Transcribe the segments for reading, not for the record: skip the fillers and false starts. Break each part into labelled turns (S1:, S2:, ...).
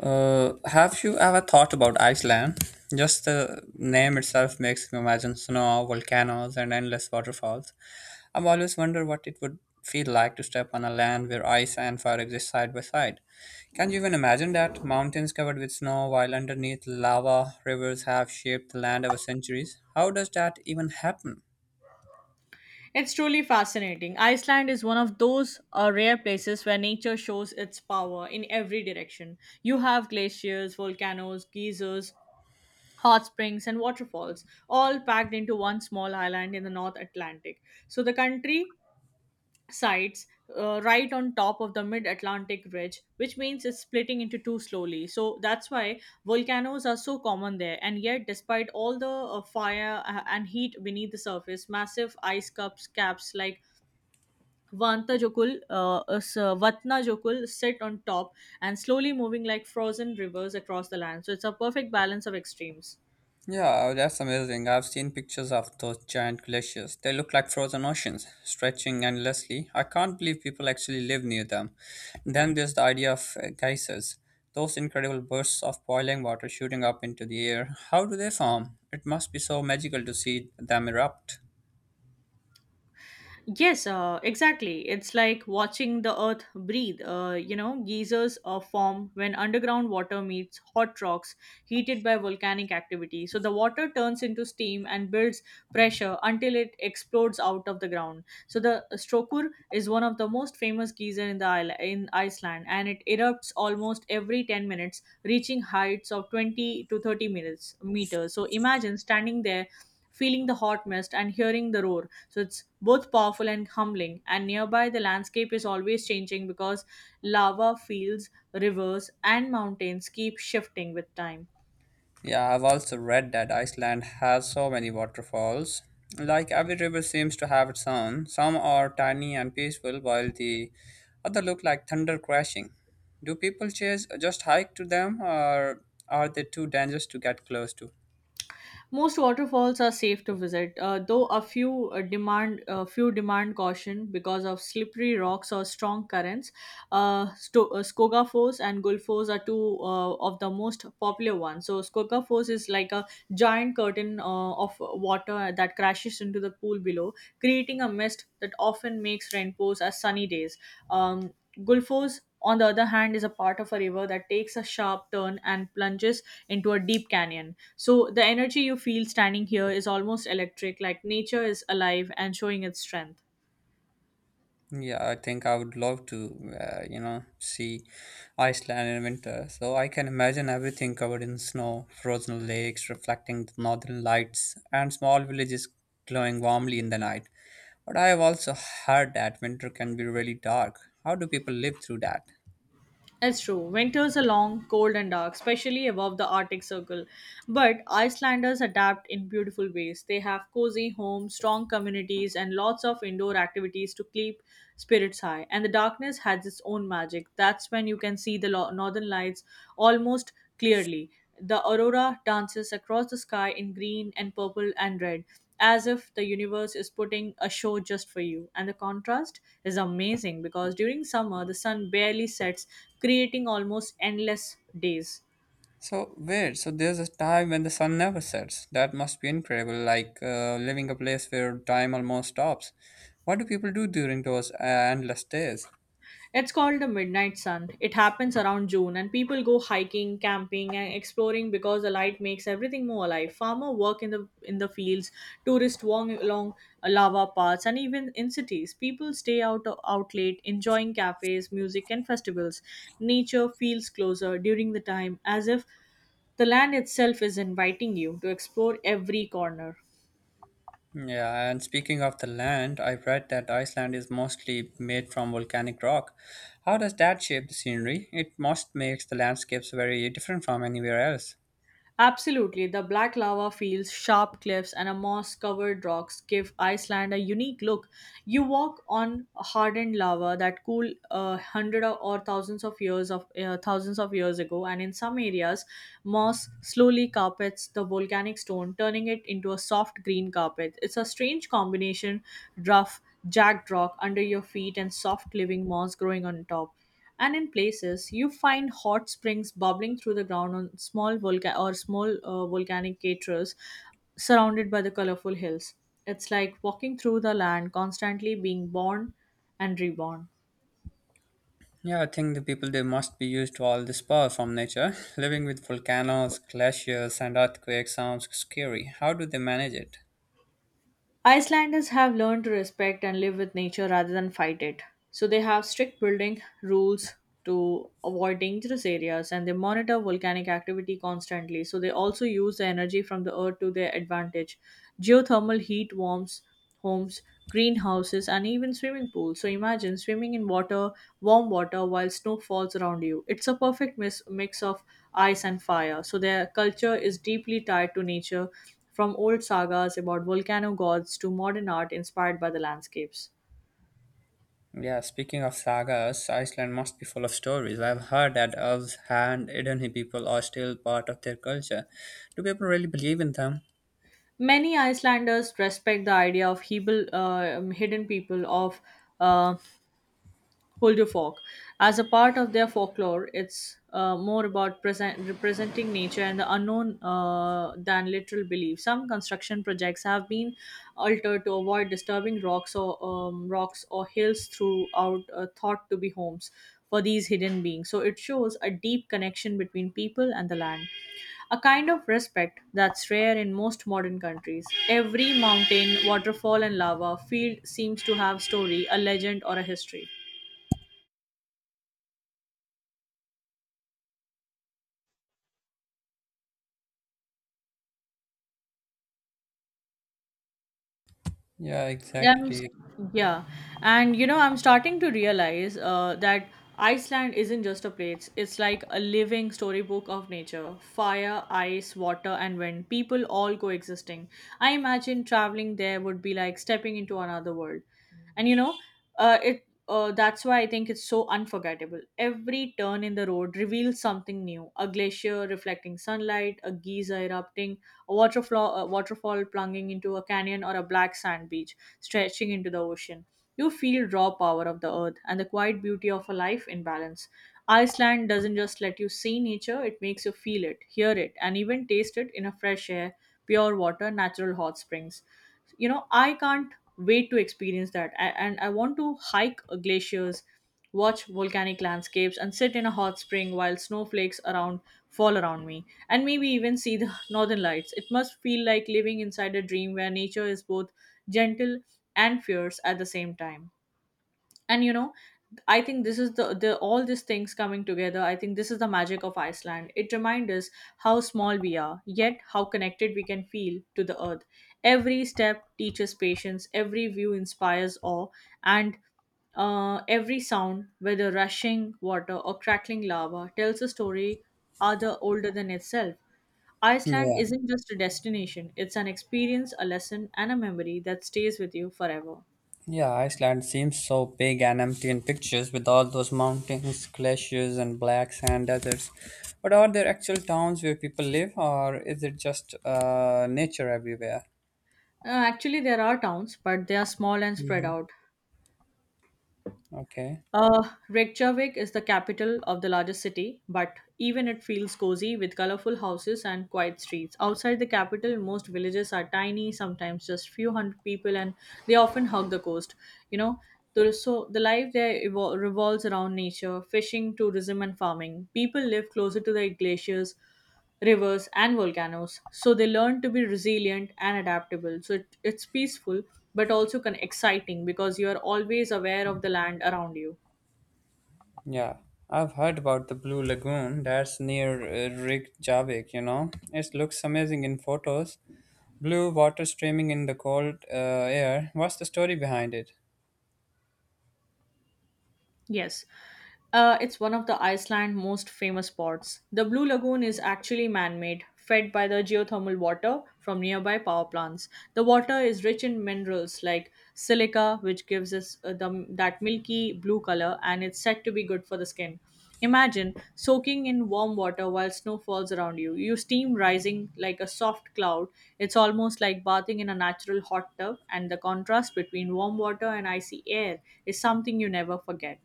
S1: Have you ever thought about Iceland? Just the name itself makes me imagine snow, volcanoes, and endless waterfalls. I've always wondered what it would feel like to step on a land where ice and fire exist side by side. Can you even imagine that? Mountains covered with snow, while underneath lava, rivers have shaped the land over centuries. How does that even happen?
S2: It's truly fascinating. Iceland is one of those rare places where nature shows its power in every direction. You have glaciers, volcanoes, geysers, hot springs, and waterfalls, all packed into one small island in the North Atlantic. So the country Sides right on top of the mid Atlantic ridge, which means it's splitting into two slowly. So that's why volcanoes are so common there. And yet, despite all the fire and heat beneath the surface, massive ice cups caps like Vatnajökull sit on top and slowly moving like frozen rivers across the land. So it's a perfect balance of extremes.
S1: Yeah, oh, that's amazing. I've seen pictures of those giant glaciers. They look like frozen oceans, stretching endlessly. I can't believe people actually live near them. Then there's the idea of geysers, those incredible bursts of boiling water shooting up into the air. How do they form? It must be so magical to see them erupt.
S2: Yes, exactly. It's like watching the earth breathe. You know, geysers form when underground water meets hot rocks heated by volcanic activity. So the water turns into steam and builds pressure until it explodes out of the ground. So the Strokur is one of the most famous geyser in Iceland, and it erupts almost every 10 minutes, reaching heights of 20 to 30 minutes meters. So imagine standing there, feeling the hot mist and hearing the roar. So it's both powerful and humbling. And nearby, the landscape is always changing because lava fields, rivers, and mountains keep shifting with time.
S1: Yeah, I've also read that Iceland has so many waterfalls. Like every river seems to have its own. Some are tiny and peaceful, while the other look like thunder crashing. Do people just hike to them, or are they too dangerous to get close to?
S2: Most waterfalls are safe to visit, though a few demand a few demand caution because of slippery rocks or strong currents. Skoga Falls and Gulfos are two of the most popular ones. So Skoga Falls is like a giant curtain of water that crashes into the pool below, creating a mist that often makes rainbows as sunny days. Gulfos on the other hand, is a part of a river that takes a sharp turn and plunges into a deep canyon. So the energy you feel standing here is almost electric, like nature is alive and showing its strength.
S1: Yeah, I think I would love to, see Iceland in winter. So I can imagine everything covered in snow, frozen lakes reflecting the northern lights, and small villages glowing warmly in the night. But I have also heard that winter can be really dark. How do people live through that?
S2: It's true. Winters are long, cold, and dark, especially above the Arctic Circle. But Icelanders adapt in beautiful ways. They have cozy homes, strong communities, and lots of indoor activities to keep spirits high. And the darkness has its own magic. That's when you can see northern lights almost clearly. The aurora dances across the sky in green and purple and red as if the universe is putting a show just for you. And the contrast is amazing because during summer, the sun barely sets, creating almost endless days.
S1: So weird. So there's a time when the sun never sets. That must be incredible. Like living a place where time almost stops. What do people do during those endless days?
S2: It's called the midnight sun. It happens around June, and people go hiking, camping, and exploring because the light makes everything more alive. Farmer work in the fields, tourists walk along lava paths, and even in cities, people stay out late, enjoying cafes, music, and festivals. Nature feels closer during the time, as if the land itself is inviting you to explore every corner.
S1: Yeah, and speaking of the land, I've read that Iceland is mostly made from volcanic rock. How does that shape the scenery? It must makes the landscapes very different from anywhere else.
S2: Absolutely, the black lava fields, sharp cliffs, and a moss covered rocks give Iceland a unique look. You walk on hardened lava that cooled hundred or thousands of years of thousands of years ago, and in some areas, moss slowly carpets the volcanic stone, turning it into a soft green carpet. It's a strange combination: rough jagged rock under your feet and soft living moss growing on top. And in places, you find hot springs bubbling through the ground on small volcanic craters surrounded by the colorful hills. It's like walking through the land, constantly being born and reborn.
S1: Yeah, I think the people they must be used to all this power from nature. Living with volcanoes, glaciers, and earthquakes sounds scary. How do they manage it?
S2: Icelanders have learned to respect and live with nature rather than fight it. So they have strict building rules to avoid dangerous areas and they monitor volcanic activity constantly. So they also use the energy from the earth to their advantage. Geothermal heat warms homes, greenhouses, and even swimming pools. So imagine swimming in water, warm water, while snow falls around you. It's a perfect mix of ice and fire. So their culture is deeply tied to nature, from old sagas about volcano gods to modern art inspired by the landscapes.
S1: Yeah, speaking of sagas, Iceland must be full of stories. I've heard that elves and Idunhi people are still part of their culture. Do people really believe in them?
S2: Many Icelanders respect the idea of hidden people of. Uh, Folk as a part of their folklore, it's more about present, representing nature and the unknown than literal belief. Some construction projects have been altered to avoid disturbing rocks or hills throughout thought to be homes for these hidden beings, so it shows a deep connection between people and the land, a kind of respect that's rare in most modern countries. Every mountain, waterfall, and lava field seems to have story, a legend, or a history.
S1: Yeah,
S2: Um, s-
S1: exactly.
S2: yeah, and you know, I'm starting to realize that Iceland isn't just a place, it's like a living storybook of nature fire, ice, water, and wind, people all coexisting. I imagine traveling there would be like stepping into another world, and you know, it that's why I think it's so unforgettable. Every turn in the road reveals something new, a glacier reflecting sunlight, a geyser erupting, a waterfall plunging into a canyon, or a black sand beach stretching into the ocean. You feel raw power of the earth and the quiet beauty of a life in balance. Iceland doesn't just let you see nature, it makes you feel it, hear it, and even taste it in a fresh air, pure water, natural hot springs. You know, I can't wait to experience that. And I want to hike glaciers, watch volcanic landscapes, and sit in a hot spring while snowflakes around fall around me, and maybe even see the northern lights. It must feel like living inside a dream where nature is both gentle and fierce at the same time. And you know, I think this is the all these things coming together, I think this is the magic of Iceland. It reminds us how small we are, yet how connected we can feel to the earth. Every step teaches patience, every view inspires awe, and every sound, whether rushing water or crackling lava, tells a story other older than itself. Iceland
S1: Yeah,
S2: isn't just a destination, it's an experience, a lesson, and a memory that stays with you forever.
S1: yeah, Iceland seems so big and empty in pictures with all those mountains, glaciers, and black sand deserts. But are there actual towns where people live, or is it just nature everywhere?
S2: Actually, there are towns, but they are small and spread
S1: Hmm.
S2: out.
S1: Okay,
S2: Reykjavik is the capital of the largest city, but even it feels cozy with colorful houses and quiet streets. Outside the capital, most villages are tiny, sometimes just few hundred people, and they often hug the coast. You know, there is so the life there revolves around nature, fishing, tourism, and farming. People live closer to the glaciers, rivers, and volcanoes, so they learn to be resilient and adaptable. So it's peaceful, but also exciting because you are always aware of the land around you.
S1: yeah. I've heard about the Blue Lagoon that's near Reykjavik, you know. It looks amazing in photos. Blue water streaming in the cold air. What's the story behind it?
S2: Yes. It's one of the Iceland most famous spots. The Blue Lagoon is actually man-made, fed by the geothermal water from nearby power plants. The water is rich in minerals like silica, which gives us that milky blue color, and it's said to be good for the skin. Imagine soaking in warm water while snow falls around you. You steam rising like a soft cloud. It's almost like bathing in a natural hot tub, and the contrast between warm water and icy air is something you never forget.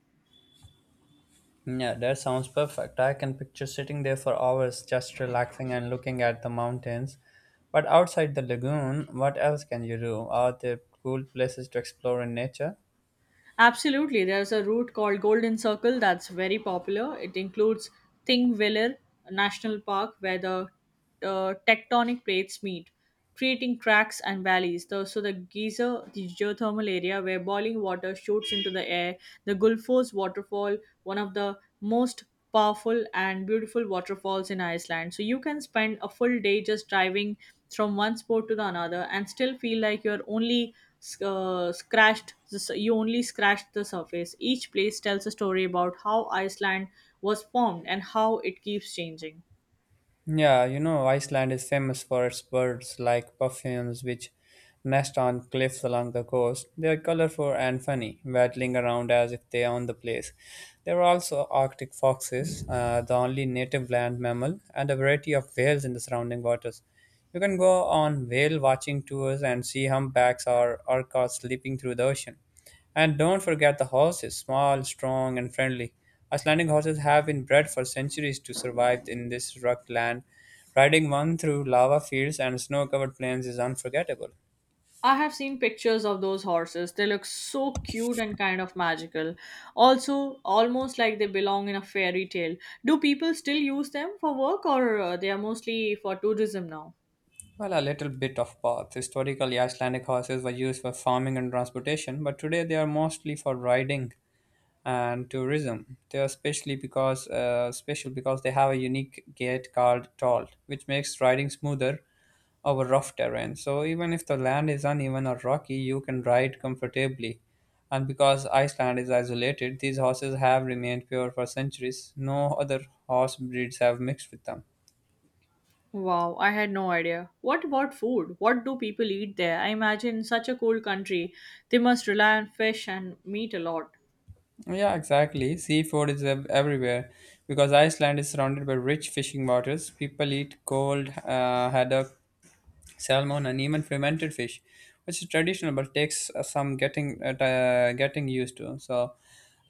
S1: Yeah, that sounds perfect. I can picture sitting there for hours just relaxing and looking at the mountains. But outside the lagoon, what else can you do? Are there cool places to explore in nature?
S2: Absolutely. There's a route called Golden Circle that's very popular. It includes Thingvellir National Park, where the tectonic plates meet, creating cracks and valleys. The Geyser, the geothermal area where boiling water shoots into the air, the Gulfos waterfall, one of the most powerful and beautiful waterfalls in Iceland. So you can spend a full day just driving from one spot to the another and still feel like you're only you only scratched the surface. Each place tells a story about how Iceland was formed and how it keeps changing.
S1: Yeah, you know, Iceland is famous for its birds like puffins, which nest on cliffs along the coast. They are colorful and funny, waddling around as if they own the place. There are also Arctic foxes, the only native land mammal, and a variety of whales in the surrounding waters. You can go on whale watching tours and see humpbacks or orcas sleeping through the ocean. And don't forget the horses small, strong, and friendly. Icelandic horses have been bred for centuries to survive in this rugged land. Riding one through lava fields and snow covered plains is unforgettable.
S2: I have seen pictures of those horses. They look so cute and kind of magical. Also, almost like they belong in a fairy tale. Do people still use them for work, or they are mostly for tourism now?
S1: Well, a little bit of both. Historically, Icelandic horses were used for farming and transportation, but today they are mostly for riding and tourism. They are especially because special because they have a unique gate called toll, which makes riding smoother over rough terrain. So even if the land is uneven or rocky, you can ride comfortably. And because Iceland is isolated, these horses have remained pure for centuries. No other horse breeds have mixed with them.
S2: Wow, I had no idea. What about food? What do people eat there? I imagine in such a cold country, they must rely on fish and meat a lot.
S1: Yeah, exactly. Seafood is everywhere because Iceland is surrounded by rich fishing waters. People eat cold haddock salmon, and even fermented fish, which is traditional but takes some getting used to. So,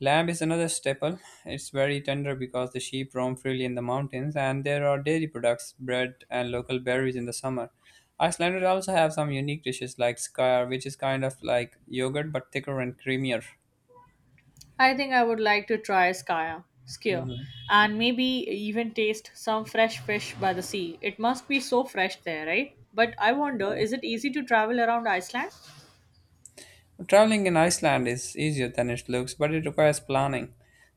S1: lamb is another staple. It's very tender because the sheep roam freely in the mountains, and there are dairy products, bread, and local berries in the summer. Icelanders also have some unique dishes like skar, which is kind of like yogurt but thicker and creamier.
S2: I think I would like to try skier,
S1: Hmm.
S2: and maybe even taste some fresh fish by the sea. It must be so fresh there, right? But I wonder, is it easy to travel around Iceland?
S1: Traveling in Iceland is easier than it looks, but it requires planning.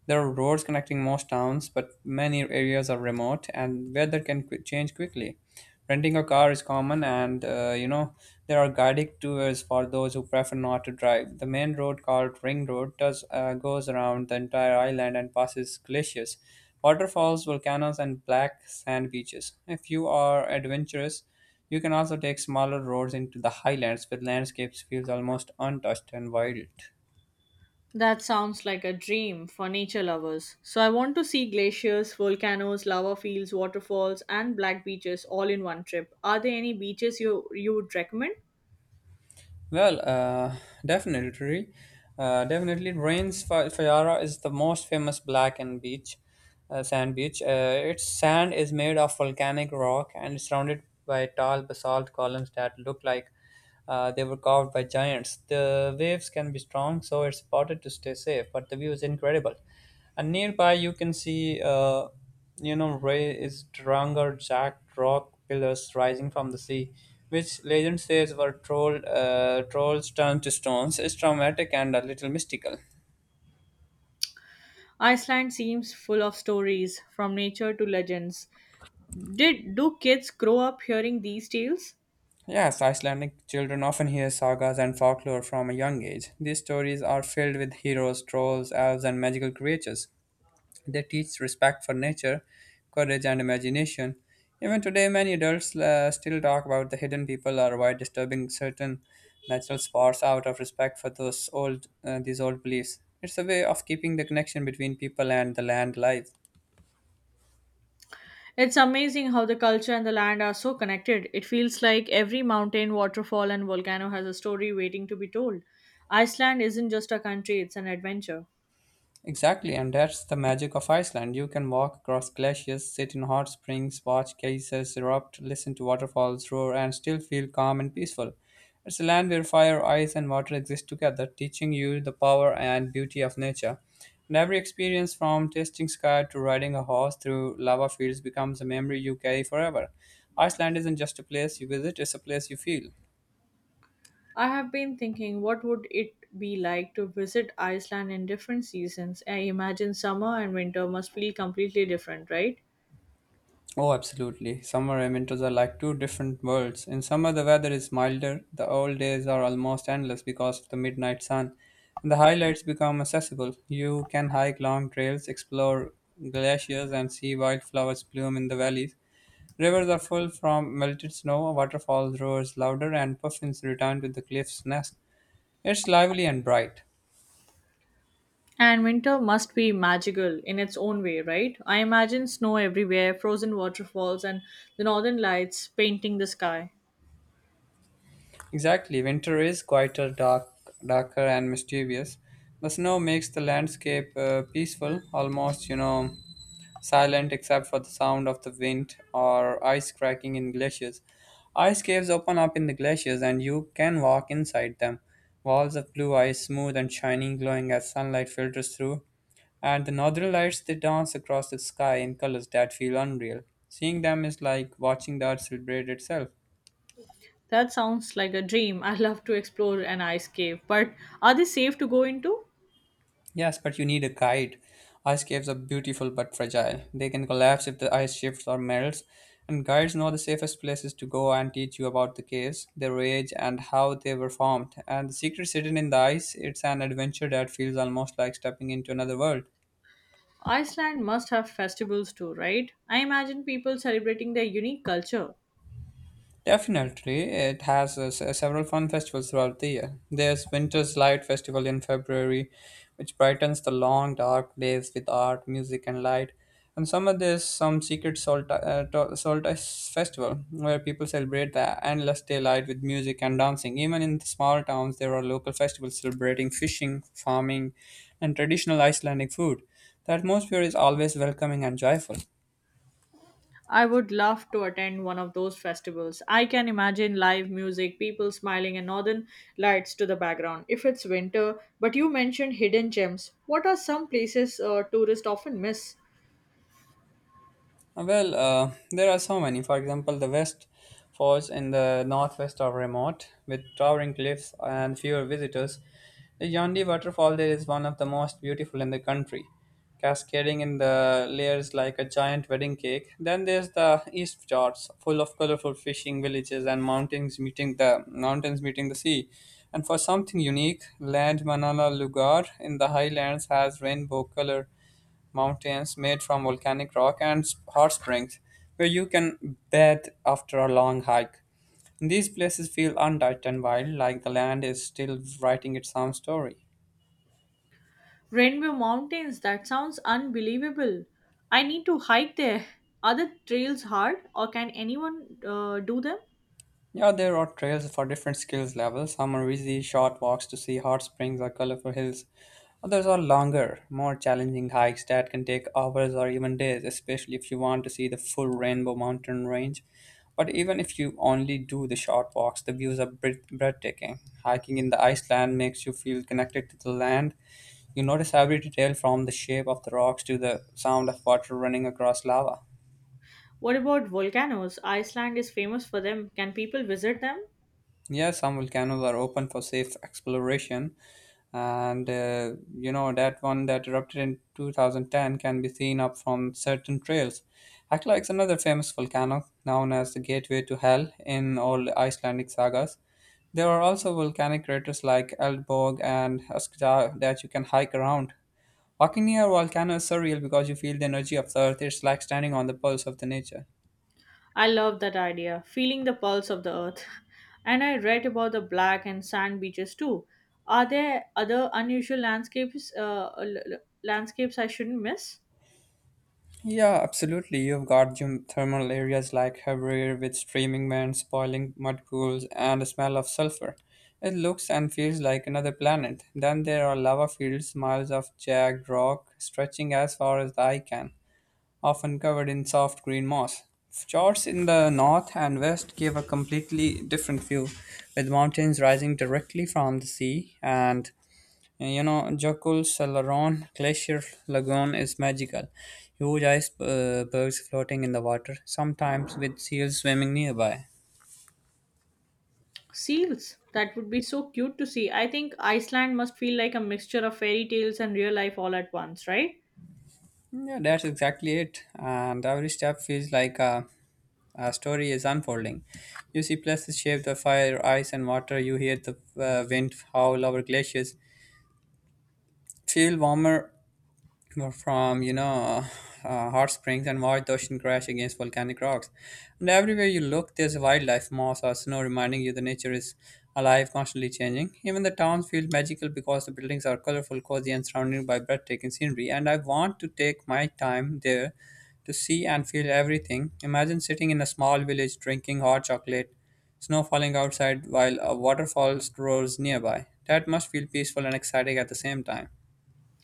S1: There are roads connecting most towns, but many areas are remote and weather can change quickly. Renting a car is common, and there are guided tours for those who prefer not to drive. The main road called Ring Road does goes around the entire island and passes glaciers, waterfalls, volcanoes, and black sand beaches. If you are adventurous, you can also take smaller roads into the highlands where landscapes feels almost untouched and wild.
S2: That sounds like a dream for nature lovers. So I want to see glaciers, volcanoes, lava fields, waterfalls, and black beaches all in one trip. Are there any beaches you would recommend?
S1: Well, uh, definitely, Definitely, Fayara is the most famous black and beach, sand beach. Its sand is made of volcanic rock and is surrounded by tall basalt columns that look like they were carved by giants. The waves can be strong, so it's important to stay safe, but the view is incredible. And nearby, you can see, Ray is Drangar Jack rock pillars rising from the sea, which legend says were trolls turned to stones, is traumatic and a little mystical.
S2: Iceland seems full of stories from nature to legends. Did Do kids grow up hearing these tales?
S1: Yes, Icelandic children often hear sagas and folklore from a young age. These stories are filled with heroes, trolls, elves, and magical creatures. They teach respect for nature, courage, and imagination. Even today, many adults still talk about the hidden people or why disturbing certain natural spots out of respect for those old these old beliefs. It's a way of keeping the connection between people and the land alive.
S2: It's amazing how the culture and the land are so connected. It feels like every mountain, waterfall, and volcano has a story waiting to be told. Iceland isn't just a country, it's an adventure.
S1: Exactly, and that's the magic of Iceland. You can walk across glaciers, sit in hot springs, watch geysers erupt, listen to waterfalls roar, and still feel calm and peaceful. It's a land where fire, ice, and water exist together, teaching you the power and beauty of nature. And every experience, from tasting sky to riding a horse through lava fields, becomes a memory you carry forever. Iceland isn't just a place you visit, it's a place you feel.
S2: I have been thinking what would it be like to visit Iceland in different seasons. I imagine summer and winter must feel completely different, right?
S1: Oh, absolutely. Summer and winters are like two different worlds. In summer, the weather is milder, the old days are almost endless because of the midnight sun, and the highlights become accessible. You can hike long trails, explore glaciers, and see wildflowers bloom in the valleys. Rivers are full from melted snow, waterfalls roar louder, and puffins return to the cliff's nest. It's lively and bright.
S2: And winter must be magical in its own way, right? I imagine snow everywhere, frozen waterfalls, and the northern lights painting the sky.
S1: Exactly, winter is quieter, darker, and mysterious. The snow makes the landscape peaceful, almost, silent except for the sound of the wind or ice cracking in glaciers. Ice caves open up in the glaciers, and you can walk inside them. Walls of blue ice, smooth and shining, glowing as sunlight filters through. And the northern lights, they dance across the sky in colors that feel unreal. Seeing them is like watching the earth celebrate itself.
S2: That sounds like a dream. I love to explore an ice cave, but are they safe to go into?
S1: Yes, but you need a guide. Ice caves are beautiful but fragile. They can collapse if the ice shifts or melts, and guides know the safest places to go and teach you about the caves, their age, and how they were formed. And the secrets hidden in the ice, it's an adventure that feels almost like stepping into another world.
S2: Iceland must have festivals too, right? I imagine people celebrating their unique culture.
S1: Definitely, it has several fun festivals throughout the year. There's Winter's Light Festival in February, which brightens the long dark days with art, music, and light. And summer, there's some solstice festival where people celebrate the endless daylight with music and dancing. Even in the small towns, there are local festivals celebrating fishing, farming, and traditional Icelandic food. The atmosphere is always welcoming and joyful.
S2: I would love to attend one of those festivals. I can imagine live music, people smiling, and northern lights to the background. If it's winter, but you mentioned hidden gems. What are some places tourists often miss?
S1: Well, there are so many. For example, the West Falls in the northwest are remote, with towering cliffs and fewer visitors. The Yandi waterfall there is one of the most beautiful in the country, cascading in the layers like a giant wedding cake. Then there's the East Fjords, full of colorful fishing villages and mountains meeting the sea. And for something unique, Land Manala Lugar in the highlands has rainbow color mountains made from volcanic rock and hot springs where you can bathe after a long hike. These places feel untouched and wild, like the land is still writing its own story.
S2: Rainbow Mountains, that sounds unbelievable. I need to hike there. Are the trails hard, or can anyone do them?
S1: Yeah, there are trails for different skills levels. Some are easy, short walks to see hot springs or colorful hills. Others are longer, more challenging hikes that can take hours or even days, especially if you want to see the full Rainbow Mountain range. But even if you only do the short walks, the views are breathtaking. Hiking in the Iceland makes you feel connected to the land. You notice every detail from the shape of the rocks to the sound of water running across lava.
S2: What about volcanoes? Iceland is famous for them. Can people visit them?
S1: Yeah, some volcanoes are open for safe exploration, and you know that one that erupted in 2010 can be seen up from certain trails. Hekla is another famous volcano known as the Gateway to Hell in all Icelandic sagas. There are also volcanic craters like Eldborg and Öskja that you can hike around. Walking near a volcano is surreal because you feel the energy of the earth. It's like standing on the pulse of the nature.
S2: I love that idea, feeling the pulse of the earth. And I read about the black and sand beaches too. Are there other unusual landscapes landscapes I shouldn't miss?
S1: Yeah, absolutely. You've got geothermal areas like Haverhill with streaming vents, boiling mud pools, and the smell of sulfur. It looks and feels like another planet. Then there are lava fields, miles of jagged rock stretching as far as the eye can, often covered in soft green moss. Fjords in the north and west give a completely different view, with mountains rising directly from the sea and Jacul Salaron Glacier Lagoon is magical. Huge icebergs floating in the water, sometimes with seals swimming nearby.
S2: Seals. That would be so cute to see. I think Iceland must feel like a mixture of fairy tales and real life all at once, right?
S1: Yeah, that's exactly it. And every step feels like a story is unfolding. You see places shaped by fire, ice, and water. You hear the wind howl over glaciers. Feel warmer. Well, from hot springs, and watch the ocean crash against volcanic rocks. And everywhere you look there's wildlife, moss, or snow, reminding you the nature is alive, constantly changing. Even the towns feel magical because the buildings are colorful, cozy, and surrounded by breathtaking scenery, and I want to take my time there to see and feel everything. Imagine sitting in a small village drinking hot chocolate, snow falling outside while a waterfall roars nearby. That must feel peaceful and exciting at the same time.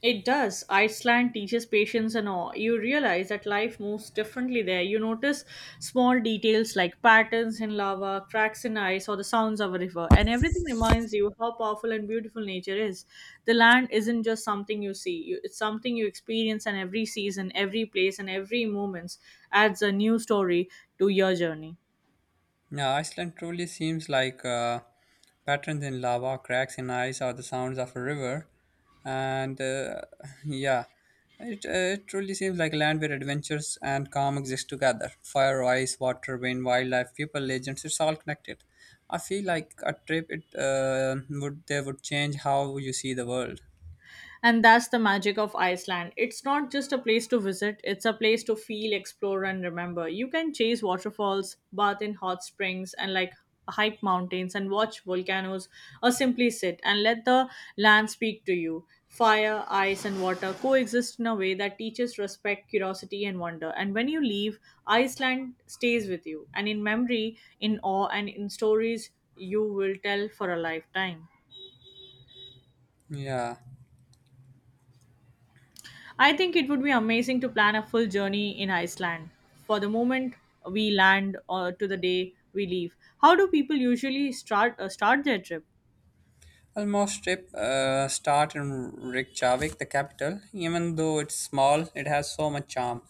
S2: It does. Iceland teaches patience and awe. You realize that life moves differently there. You notice small details like patterns in lava, cracks in ice, or the sounds of a river, and everything reminds you how powerful and beautiful nature is. The land isn't just something you see, you, it's something you experience, and every season, every place, and every moment adds a new story to your journey.
S1: Yeah, Iceland truly seems like patterns in lava, cracks in ice, or the sounds of a river. And yeah, it, uh, it truly seems like a land where adventures and calm exist together. Fire, ice, water, wind, wildlife, people, legends, it's all connected. I feel like a trip it would they would change how you see the world.
S2: And that's the magic of Iceland. It's not just a place to visit, it's a place to feel, explore, and remember. You can chase waterfalls, bath in hot springs, and like hike mountains and watch volcanoes, or simply sit and let the land speak to you. Fire, ice, and water coexist in a way that teaches respect, curiosity, and wonder. And when you leave, Iceland stays with you, and in memory, in awe, and in stories you will tell for a lifetime.
S1: Yeah.
S2: I think it would be amazing to plan a full journey in Iceland. For the moment we land or to the day we leave. How do people usually start their trip?
S1: Almost trip start in Reykjavik, the capital. Even though it's small, it has so much charm.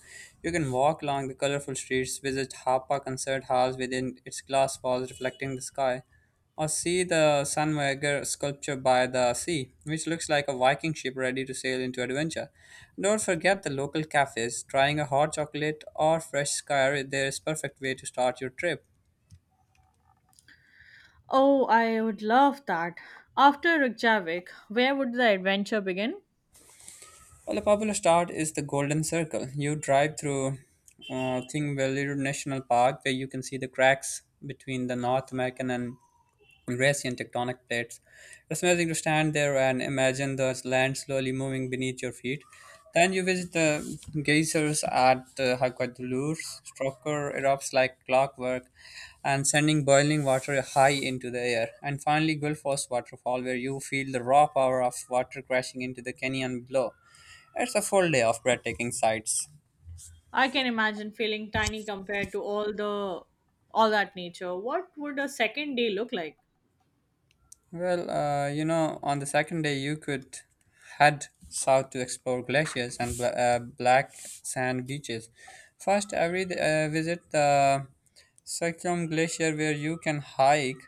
S1: You can walk along the colorful streets, visit Harpa Concert Halls within its glass walls reflecting the sky, or see the Sunweger sculpture by the sea, which looks like a Viking ship ready to sail into adventure. Don't forget the local cafes. Trying a hot chocolate or fresh skyr there is perfect way to start your trip.
S2: Oh, I would love that. After Reykjavik, where would the adventure begin?
S1: Well, a popular start is the Golden Circle. You drive through Thingvellir National Park, where you can see the cracks between the North American and Eurasian tectonic plates. It's amazing to stand there and imagine the land slowly moving beneath your feet. Then you visit the geysers at Hakwadulur. Strucker erupts like clockwork, and sending boiling water high into the air. And finally, Gulf Waterfall, where you feel the raw power of water crashing into the canyon below. It's a full day of breathtaking sights.
S2: I can imagine feeling tiny compared to all that nature. What would a second day look like?
S1: Well, on the second day, you could head south to explore glaciers and black sand beaches. First, I would visit the Circulum Glacier, where you can hike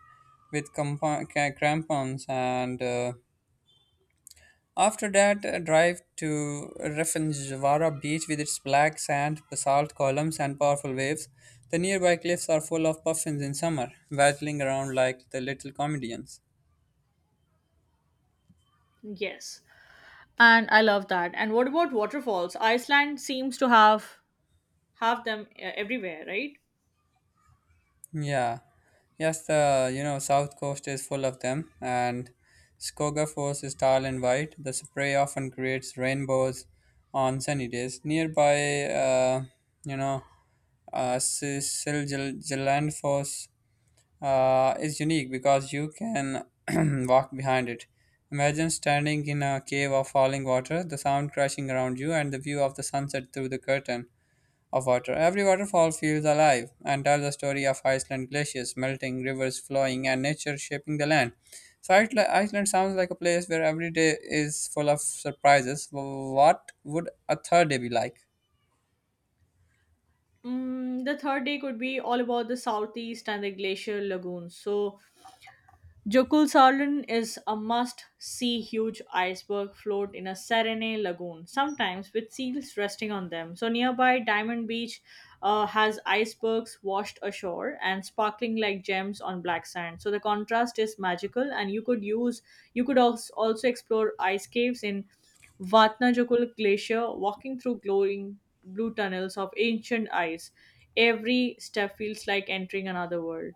S1: with crampons, and after that, drive to Rafinjavara Beach with its black sand, basalt columns, and powerful waves. The nearby cliffs are full of puffins in summer, waddling around like the little comedians.
S2: Yes. And I love that. And what about waterfalls? Iceland seems to have them everywhere, right?
S1: Yeah, yes, the south coast is full of them, and Skoga Falls is tall and wide. The spray often creates rainbows on sunny days. Nearby, you know, Silgiland Falls is unique because you can walk behind it. Imagine standing in a cave of falling water, the sound crashing around you, and the view of the sunset through the curtain of water. Every waterfall feels alive and tells the story of Iceland glaciers melting, rivers flowing, and nature shaping the land. So Iceland sounds like a place where every day is full of surprises. What would a third day be like?
S2: Mm, the third day could be all about the southeast and the glacial lagoons. So, Jökulsárlón is a must-see huge iceberg float in a serene lagoon, sometimes with seals resting on them. So nearby Diamond Beach has icebergs washed ashore and sparkling like gems on black sand. So the contrast is magical, and you could also explore ice caves in Vatnajökull Glacier, walking through glowing blue tunnels of ancient ice. Every step feels like entering another world.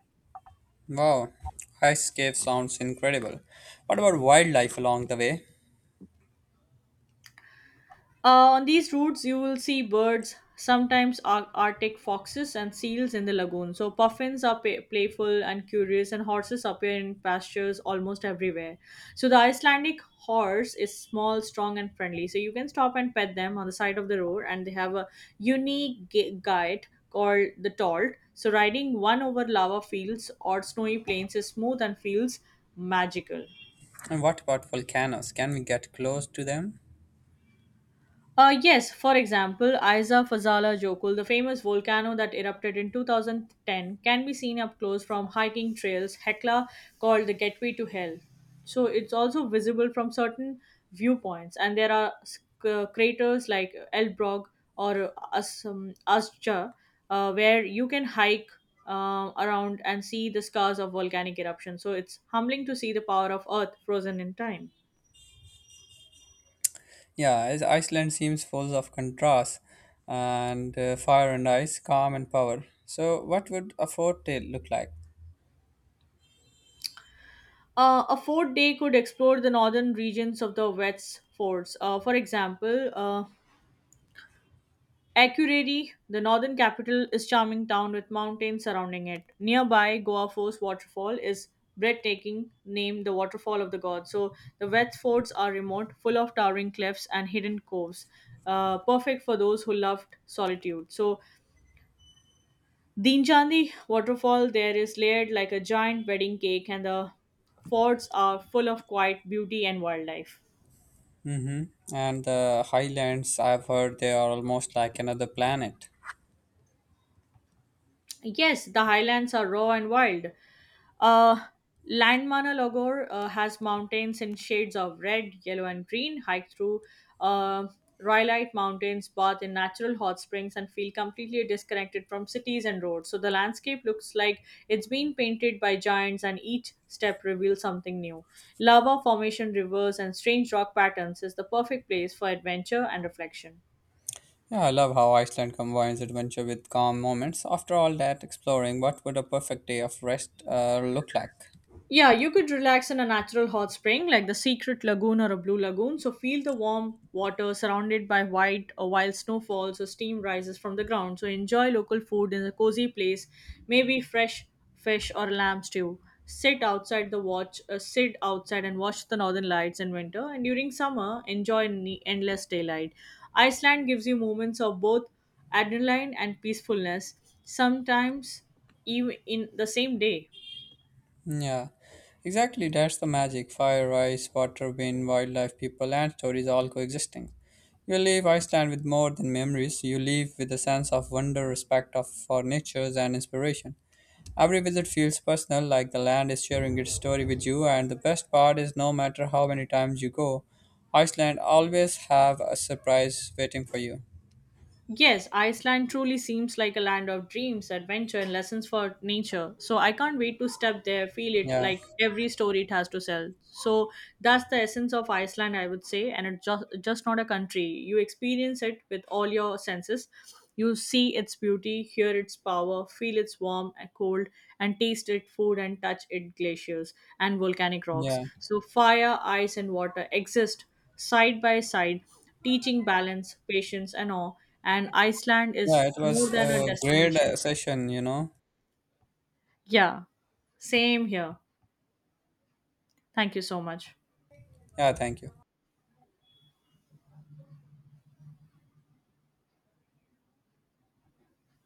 S1: Wow, ice cave sounds incredible. What about wildlife along the way?
S2: On these routes, you will see birds, sometimes Arctic foxes and seals in the lagoon. So, puffins are playful and curious, and horses appear in pastures almost everywhere. So, the Icelandic horse is small, strong, and friendly. So, you can stop and pet them on the side of the road, and they have a unique guide called the Tolt. So, riding one over lava fields or snowy plains is smooth and feels magical.
S1: And what about volcanoes? Can we get close to them?
S2: Yes, for example, Isa Fazala Jokul, the famous volcano that erupted in 2010, can be seen up close from hiking trails, Hecla, called the Gateway to Hell. So it's also visible from certain viewpoints, and there are craters like Elbrog or Asja, where you can hike around and see the scars of volcanic eruption. So it's humbling to see the power of Earth frozen in time.
S1: Yeah, as Iceland seems full of contrast and fire and ice, calm and power. So, what would a fourth day look like?
S2: A fourth day could explore the northern regions of the West Forts. For example, Akureyri, the northern capital, is charming town with mountains surrounding it. Nearby, Goa Force waterfall is breathtaking, named the Waterfall of the Gods. So the West Forts are remote, full of towering cliffs and hidden coves, perfect for those who loved solitude. So Dinjandi waterfall there is layered like a giant wedding cake, and the forts are full of quiet beauty and wildlife.
S1: Mm-hmm. And the highlands, I've heard they are almost like another planet.
S2: Yes, the highlands are raw and wild. Uh, Landmanalagor has mountains in shades of red, yellow, and green. Hike through uh, Rhyolite Mountains, bath in natural hot springs, and feel completely disconnected from cities and roads. So the landscape looks like it's been painted by giants, and each step reveals something new. Lava formation, rivers, and strange rock patterns is the perfect place for adventure and reflection.
S1: Yeah, I love how Iceland combines adventure with calm moments. After all that exploring, what would a perfect day of rest look like?
S2: Yeah, you could relax in a natural hot spring like the secret lagoon or a blue lagoon. So feel the warm water surrounded by white or wild snow falls or steam rises from the ground. So enjoy local food in a cozy place, maybe fresh fish or lamb stew. Sit outside and watch the northern lights in winter. And during summer, enjoy endless daylight. Iceland gives you moments of both adrenaline and peacefulness, sometimes even in the same day.
S1: Yeah, exactly. That's the magic. Fire, ice, water, wind, wildlife, people, and stories all coexisting. You leave Iceland with more than memories. You leave with a sense of wonder, respect of, for natures, and inspiration. Every visit feels personal, like the land is sharing its story with you, and the best part is no matter how many times you go, Iceland always have a surprise waiting for you.
S2: Yes, Iceland truly seems like a land of dreams, adventure, and lessons for nature. So I can't wait to step there, feel it
S1: Yeah,
S2: like every story it has to sell. So that's the essence of Iceland, I would say, and it's just not a country. You experience it with all your senses. You see its beauty, hear its power, feel its warm and cold, and taste its food and touch its glaciers and volcanic rocks.
S1: yeah,
S2: So fire, ice, and water exist side by side teaching balance, patience, and all. And Iceland is
S1: yeah. It was
S2: more than a
S1: a great
S2: destination.
S1: session.
S2: Yeah, same here. Thank you so much.
S1: Yeah, thank you.